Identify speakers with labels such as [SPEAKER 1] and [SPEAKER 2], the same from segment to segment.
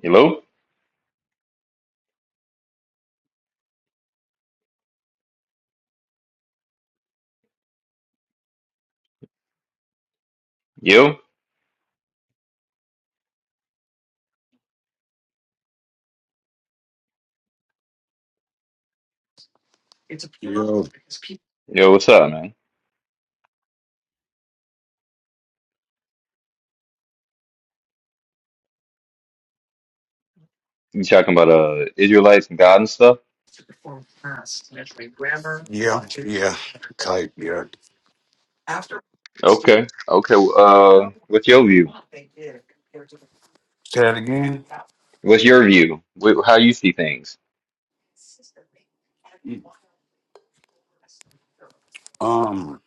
[SPEAKER 1] Hello? Yo?
[SPEAKER 2] Yo,
[SPEAKER 1] Yo, what's up, man? You talking about uh Israelites and God and stuff?
[SPEAKER 2] yeah, yeah. Type, yeah.
[SPEAKER 1] Okay. Okay. well, Uh what's your view?
[SPEAKER 2] Say that again.
[SPEAKER 1] What's your view? Wh- How you see things?
[SPEAKER 2] Um,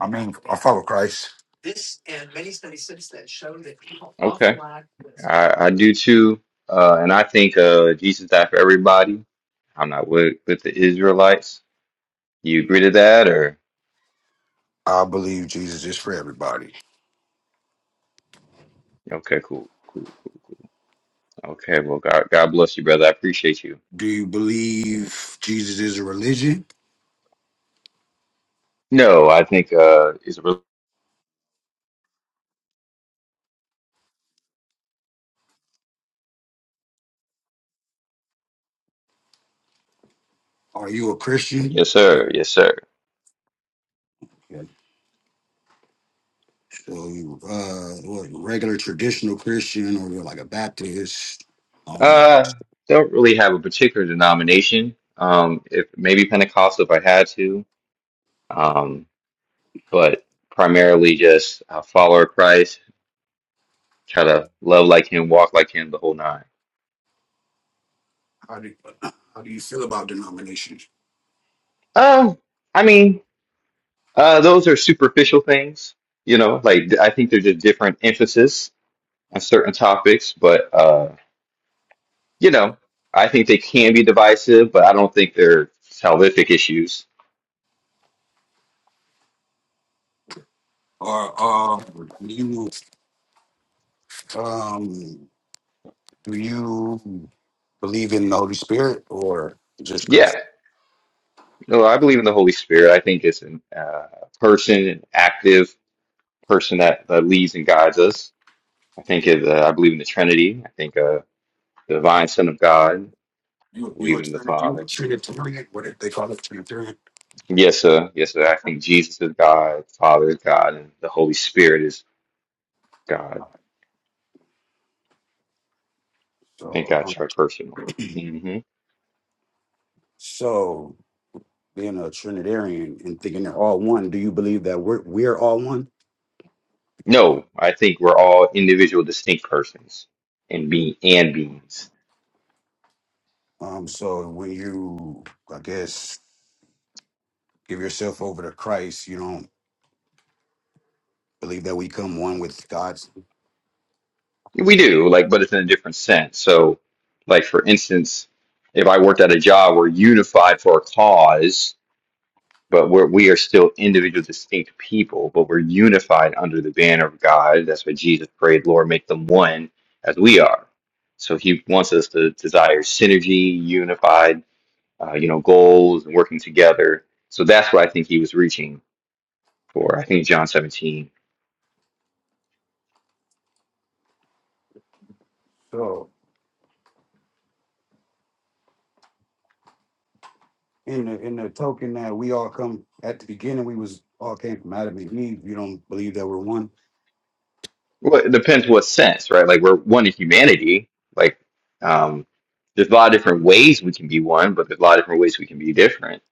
[SPEAKER 2] I mean, I follow Christ.
[SPEAKER 1] Okay. I I do too. Uh and I think uh Jesus died for everybody. I'm not with with the Israelites. You agree to that or
[SPEAKER 2] I believe Jesus is for everybody.
[SPEAKER 1] okay, cool, cool, cool, cool. Okay, well God God bless you, brother. I appreciate you.
[SPEAKER 2] Do you believe Jesus is a religion?
[SPEAKER 1] No, I think uh Israel
[SPEAKER 2] Are you a Christian?
[SPEAKER 1] Yes, sir. Yes, sir.
[SPEAKER 2] Yeah. So, you, uh, what, regular traditional Christian, or you're like a Baptist, all that.
[SPEAKER 1] Uh, don't really have a particular denomination. Um, if maybe Pentecostal if I had to. Um, but primarily just a follower of Christ, try to love like him, walk like him, the whole nine.
[SPEAKER 2] How do how do you feel about denominations?
[SPEAKER 1] Um, I mean, uh, those are superficial things, you know, like th- I think they're just different emphasis on certain topics, but uh, you know, I think they can be divisive, but I don't think they're salvific issues.
[SPEAKER 2] Or, um, do you, um, Do you believe in the Holy Spirit or just
[SPEAKER 1] Yeah.
[SPEAKER 2] scripture?
[SPEAKER 1] No, I believe in the Holy Spirit. I think it's an uh, person, an active person that, that leads and guides us. I think it, uh, I believe in the Trinity. I think uh, the divine Son of God. I
[SPEAKER 2] You you
[SPEAKER 1] believe
[SPEAKER 2] are
[SPEAKER 1] in the
[SPEAKER 2] Trini- you are
[SPEAKER 1] Father.
[SPEAKER 2] Trinitarian. What did they call it? Trinitarian.
[SPEAKER 1] Yes, sir. Yes, sir. I think Jesus is God, Father is God, and the Holy Spirit is God. I think
[SPEAKER 2] So um,
[SPEAKER 1] that's personal. hmm
[SPEAKER 2] so being a Trinitarian and thinking they're all one, do you believe that we're we're all one?
[SPEAKER 1] No, I think we're all individual, distinct persons and be and beings.
[SPEAKER 2] Um. So when you, I guess, give yourself over to Christ, you don't believe that we come one with God.
[SPEAKER 1] We do, like, but it's in a different sense. So, like for instance, if I worked at a job, we're unified for a cause, but we're we are still individual, distinct people, but we're unified under the banner of God. That's what Jesus prayed, Lord, make them one as we are. So He wants us to desire synergy, unified, uh, you know, goals and working together. So that's what I think He was reaching for. I think John 17
[SPEAKER 2] So in the in the token that we all come at the beginning, we was all came from Adam and Eve. You don't believe that we're one.
[SPEAKER 1] Well, it depends what sense, right? Like we're one in humanity. Like um, there's a lot of different ways we can be one, but there's a lot of different ways we can be different.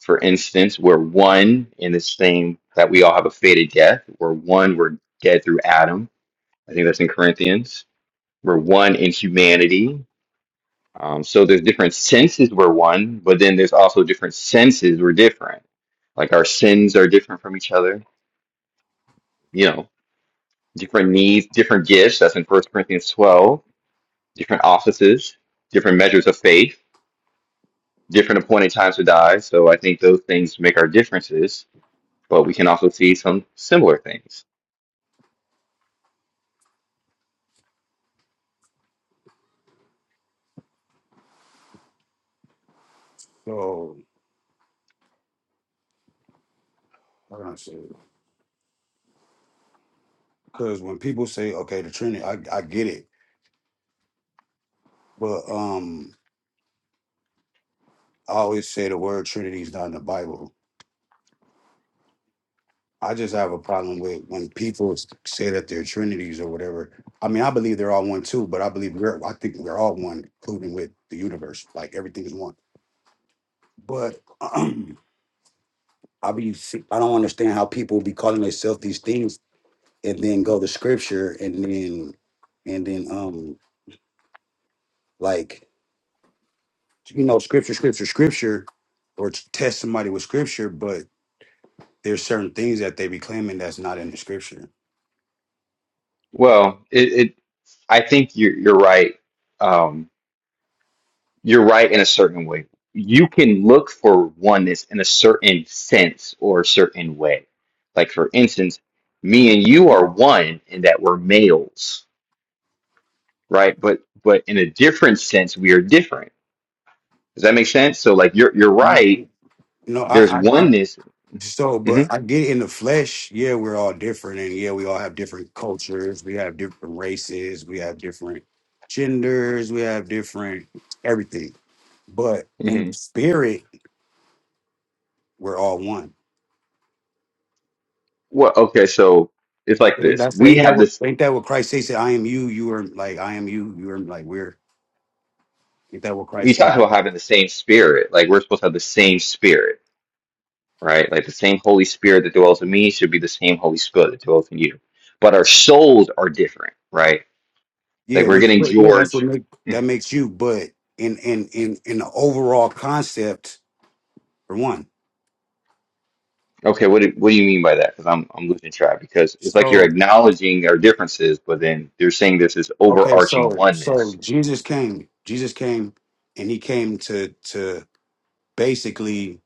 [SPEAKER 1] For instance, we're one in this thing that we all have a fated death. We're one. We're dead through Adam. I think that's in Corinthians. We're one in humanity. Um, so there's different senses we're one, but then there's also different senses we're different. Like our sins are different from each other. You know, different needs, different gifts. That's in First Corinthians 12 different offices, different measures of faith, different appointed times to die. So I think those things make our differences, but we can also see some similar things.
[SPEAKER 2] So I don't know. Because when people say, okay, the Trinity, I, I get it. But um, I always say the word Trinity is not in the Bible. I just have a problem with when people s- say that they're Trinities or whatever. I mean, I believe they're all one too, but I believe we're, I think we're all one, including with the universe. Like everything is one. But I be, see- I don't understand how people be calling themselves these things and then go to scripture and then, and then, um, like, you know, scripture, scripture, scripture, or t- test somebody with scripture, but There's certain things that they be claiming that's not in the scripture.
[SPEAKER 1] Well, it, it I think you're you're right. Um, you're right in a certain way. You can look for oneness in a certain sense or a certain way. Like for instance, me and you are one in that we're males, right? But but in a different sense, we are different. Does that make sense? So like you're you're
[SPEAKER 2] You
[SPEAKER 1] right
[SPEAKER 2] know,
[SPEAKER 1] There's
[SPEAKER 2] I, I get
[SPEAKER 1] oneness.
[SPEAKER 2] so,
[SPEAKER 1] hmm
[SPEAKER 2] but I get in the flesh. Yeah, we're all different, and yeah, we all have different cultures. We have different races. We have different genders. We have different everything. But in
[SPEAKER 1] hmm
[SPEAKER 2] spirit, we're all one.
[SPEAKER 1] Well, okay, so it's like this.
[SPEAKER 2] That's
[SPEAKER 1] We
[SPEAKER 2] ain't that
[SPEAKER 1] have
[SPEAKER 2] what
[SPEAKER 1] this.
[SPEAKER 2] ain't that what Christ says? I am you. You are like I am you. You are like we're. Ain't that what
[SPEAKER 1] We
[SPEAKER 2] Christ came?
[SPEAKER 1] talked
[SPEAKER 2] with?
[SPEAKER 1] about having the same spirit. Like we're supposed to have the same spirit, right? Like the same Holy Spirit that dwells in me should be the same Holy Spirit that dwells in you. But our souls are different, right? Like
[SPEAKER 2] Yeah,
[SPEAKER 1] we're
[SPEAKER 2] which
[SPEAKER 1] getting
[SPEAKER 2] yeah, that's what
[SPEAKER 1] George.
[SPEAKER 2] make, that
[SPEAKER 1] Mhm.
[SPEAKER 2] makes you. But in in in in the overall concept for one.
[SPEAKER 1] Okay, what do, what do you mean by that? Because I'm I'm losing track. Because it's like you're
[SPEAKER 2] So
[SPEAKER 1] acknowledging our differences, but then you're saying there's this
[SPEAKER 2] okay, so
[SPEAKER 1] overarching
[SPEAKER 2] so
[SPEAKER 1] oneness.
[SPEAKER 2] Jesus came. Jesus came, and he came to to basically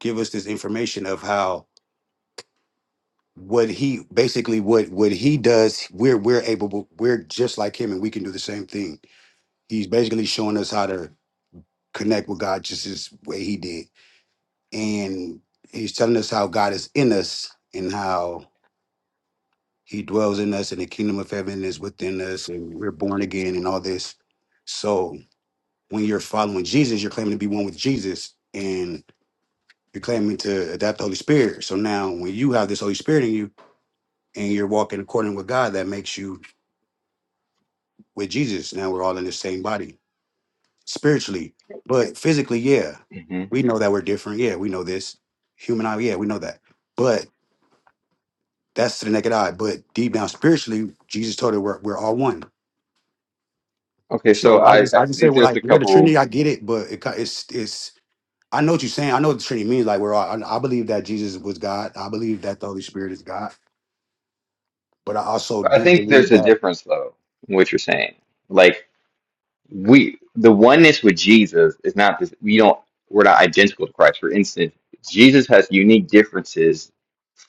[SPEAKER 2] give us this information of how what he basically what what he does. We're we're able. We're just like him, and we can do the same thing. He's basically showing us how to connect with God, just as way he did, and he's telling us how God is in us and how he dwells in us, and the kingdom of heaven is within us, and we're born again, and all this. So when you're following Jesus, you're claiming to be one with Jesus and you're claiming to adapt the Holy Spirit. So now when you have this Holy Spirit in you and you're walking according with God, that makes you with Jesus. Now we're all in the same body spiritually. But physically, yeah,
[SPEAKER 1] hmm
[SPEAKER 2] we know that we're different. Yeah, we know this. Human eye, yeah, we know that. But that's to the naked eye. But deep down spiritually, Jesus told us we're, we're all one.
[SPEAKER 1] Okay, so
[SPEAKER 2] So I
[SPEAKER 1] I
[SPEAKER 2] just
[SPEAKER 1] I
[SPEAKER 2] I just say,
[SPEAKER 1] think
[SPEAKER 2] well,
[SPEAKER 1] there's
[SPEAKER 2] like
[SPEAKER 1] a
[SPEAKER 2] you're the
[SPEAKER 1] couple.
[SPEAKER 2] Trinity, I get it, but it, ki- it's it's I know what you're saying. I know what the Trinity means. Like, we're all, I, I believe that Jesus was God. I believe that the Holy Spirit is God. But I also
[SPEAKER 1] I
[SPEAKER 2] do
[SPEAKER 1] think
[SPEAKER 2] believe
[SPEAKER 1] there's a
[SPEAKER 2] that
[SPEAKER 1] difference though in what you're saying. Like we, the oneness with Jesus is not this. We don't. We're not identical to Christ. For instance, Jesus has unique differences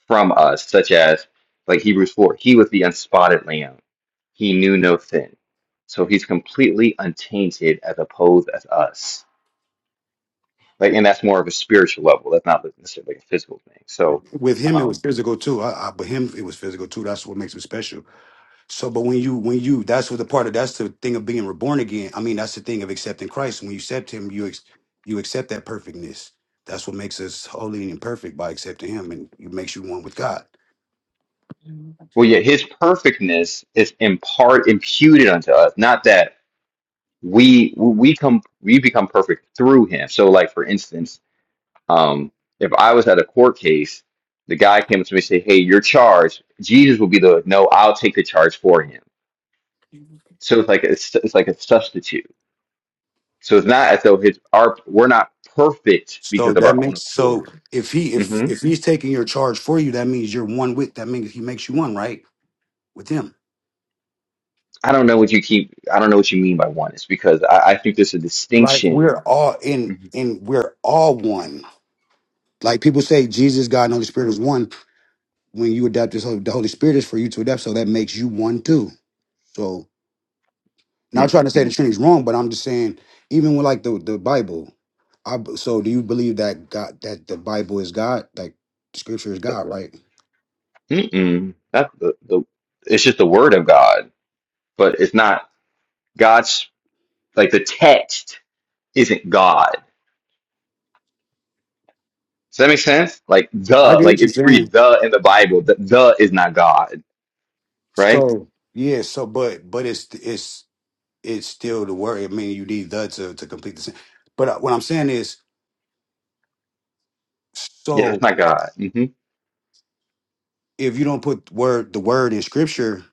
[SPEAKER 1] from us, such as like Hebrews four. He was the unspotted lamb. He knew no sin, so he's completely untainted as opposed as us. Like, and that's more of a spiritual level. That's not necessarily a physical thing. So,
[SPEAKER 2] with Him it was
[SPEAKER 1] um,
[SPEAKER 2] physical too. I, I, but Him it was physical too. That's what makes Him special. So, but when you, when you, that's what the part of that's the thing of being reborn again. I mean, that's the thing of accepting Christ. When you accept Him, you ex, you accept that perfectness. That's what makes us holy and perfect by accepting Him, and it makes you one with God.
[SPEAKER 1] well, yeah, his perfectness is in part imputed unto us. Not that we we come we become perfect through him. So like for instance, um, if I was at a court case, the guy came up to me and said, "Hey, you're charged." Jesus would be the no. I'll take the charge for him. So it's like a, it's it's like a substitute. So it's not as though his our we're not perfect
[SPEAKER 2] So
[SPEAKER 1] because of
[SPEAKER 2] that
[SPEAKER 1] our own
[SPEAKER 2] makes so
[SPEAKER 1] accord.
[SPEAKER 2] if He if
[SPEAKER 1] hmm
[SPEAKER 2] if He's taking your charge for you, that means you're one with. That means He makes you one, right? with him.
[SPEAKER 1] I don't know what you keep. I don't know what you mean by oneness because I, I think there's a
[SPEAKER 2] Like
[SPEAKER 1] distinction.
[SPEAKER 2] we're all in
[SPEAKER 1] Mhm.
[SPEAKER 2] in we're all one. Like people say Jesus, God, and Holy Spirit is one. When you adapt this whole the Holy Spirit is for you to adapt, so that makes you one too. So not
[SPEAKER 1] Mm,
[SPEAKER 2] trying to say the
[SPEAKER 1] mm.
[SPEAKER 2] Trinity's wrong, but I'm just saying, even with like the, the Bible, I, b- so do you believe that God that the Bible is God? Like scripture is God, right?
[SPEAKER 1] Mm-mm. That's the, the it's just the word of God, but it's not. God's like the text isn't God. Does that make sense? Like
[SPEAKER 2] I
[SPEAKER 1] the
[SPEAKER 2] get
[SPEAKER 1] like
[SPEAKER 2] what you're
[SPEAKER 1] if you
[SPEAKER 2] saying.
[SPEAKER 1] read the in the Bible, the the is not God, right?
[SPEAKER 2] So yeah, so but but it's it's it's still the word. I mean, you need the to, to complete the sentence. But uh, what I'm saying is,
[SPEAKER 1] Yeah,
[SPEAKER 2] so
[SPEAKER 1] that's not God. hmm
[SPEAKER 2] if you don't put word the word in scripture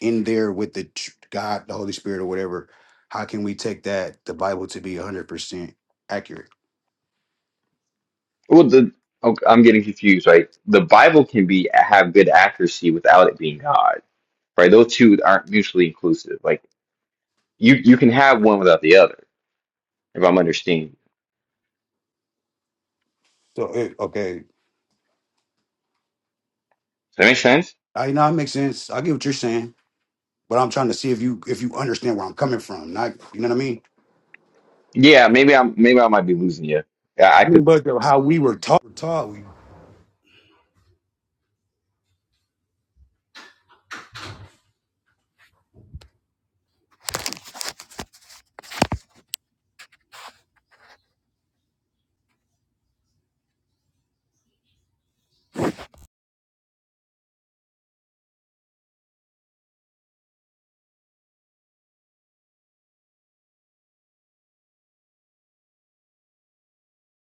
[SPEAKER 2] in there with the tr- God, the Holy Spirit, or whatever, how can we take that the Bible to be 100 percent accurate?
[SPEAKER 1] Well, the oh, I'm getting confused. Right, the Bible can be have good accuracy without it being God. Right, those two aren't mutually inclusive. Like you you can have one without the other. If I'm understanding,
[SPEAKER 2] So it, okay,
[SPEAKER 1] does that make sense?
[SPEAKER 2] I know it makes sense. I get what you're saying, but I'm trying to see if you if you understand where I'm coming from. Not you know what I mean.
[SPEAKER 1] Yeah, maybe I'm maybe I might be losing you. Yeah, I
[SPEAKER 2] I
[SPEAKER 1] could.
[SPEAKER 2] mean, but the- how we were taught.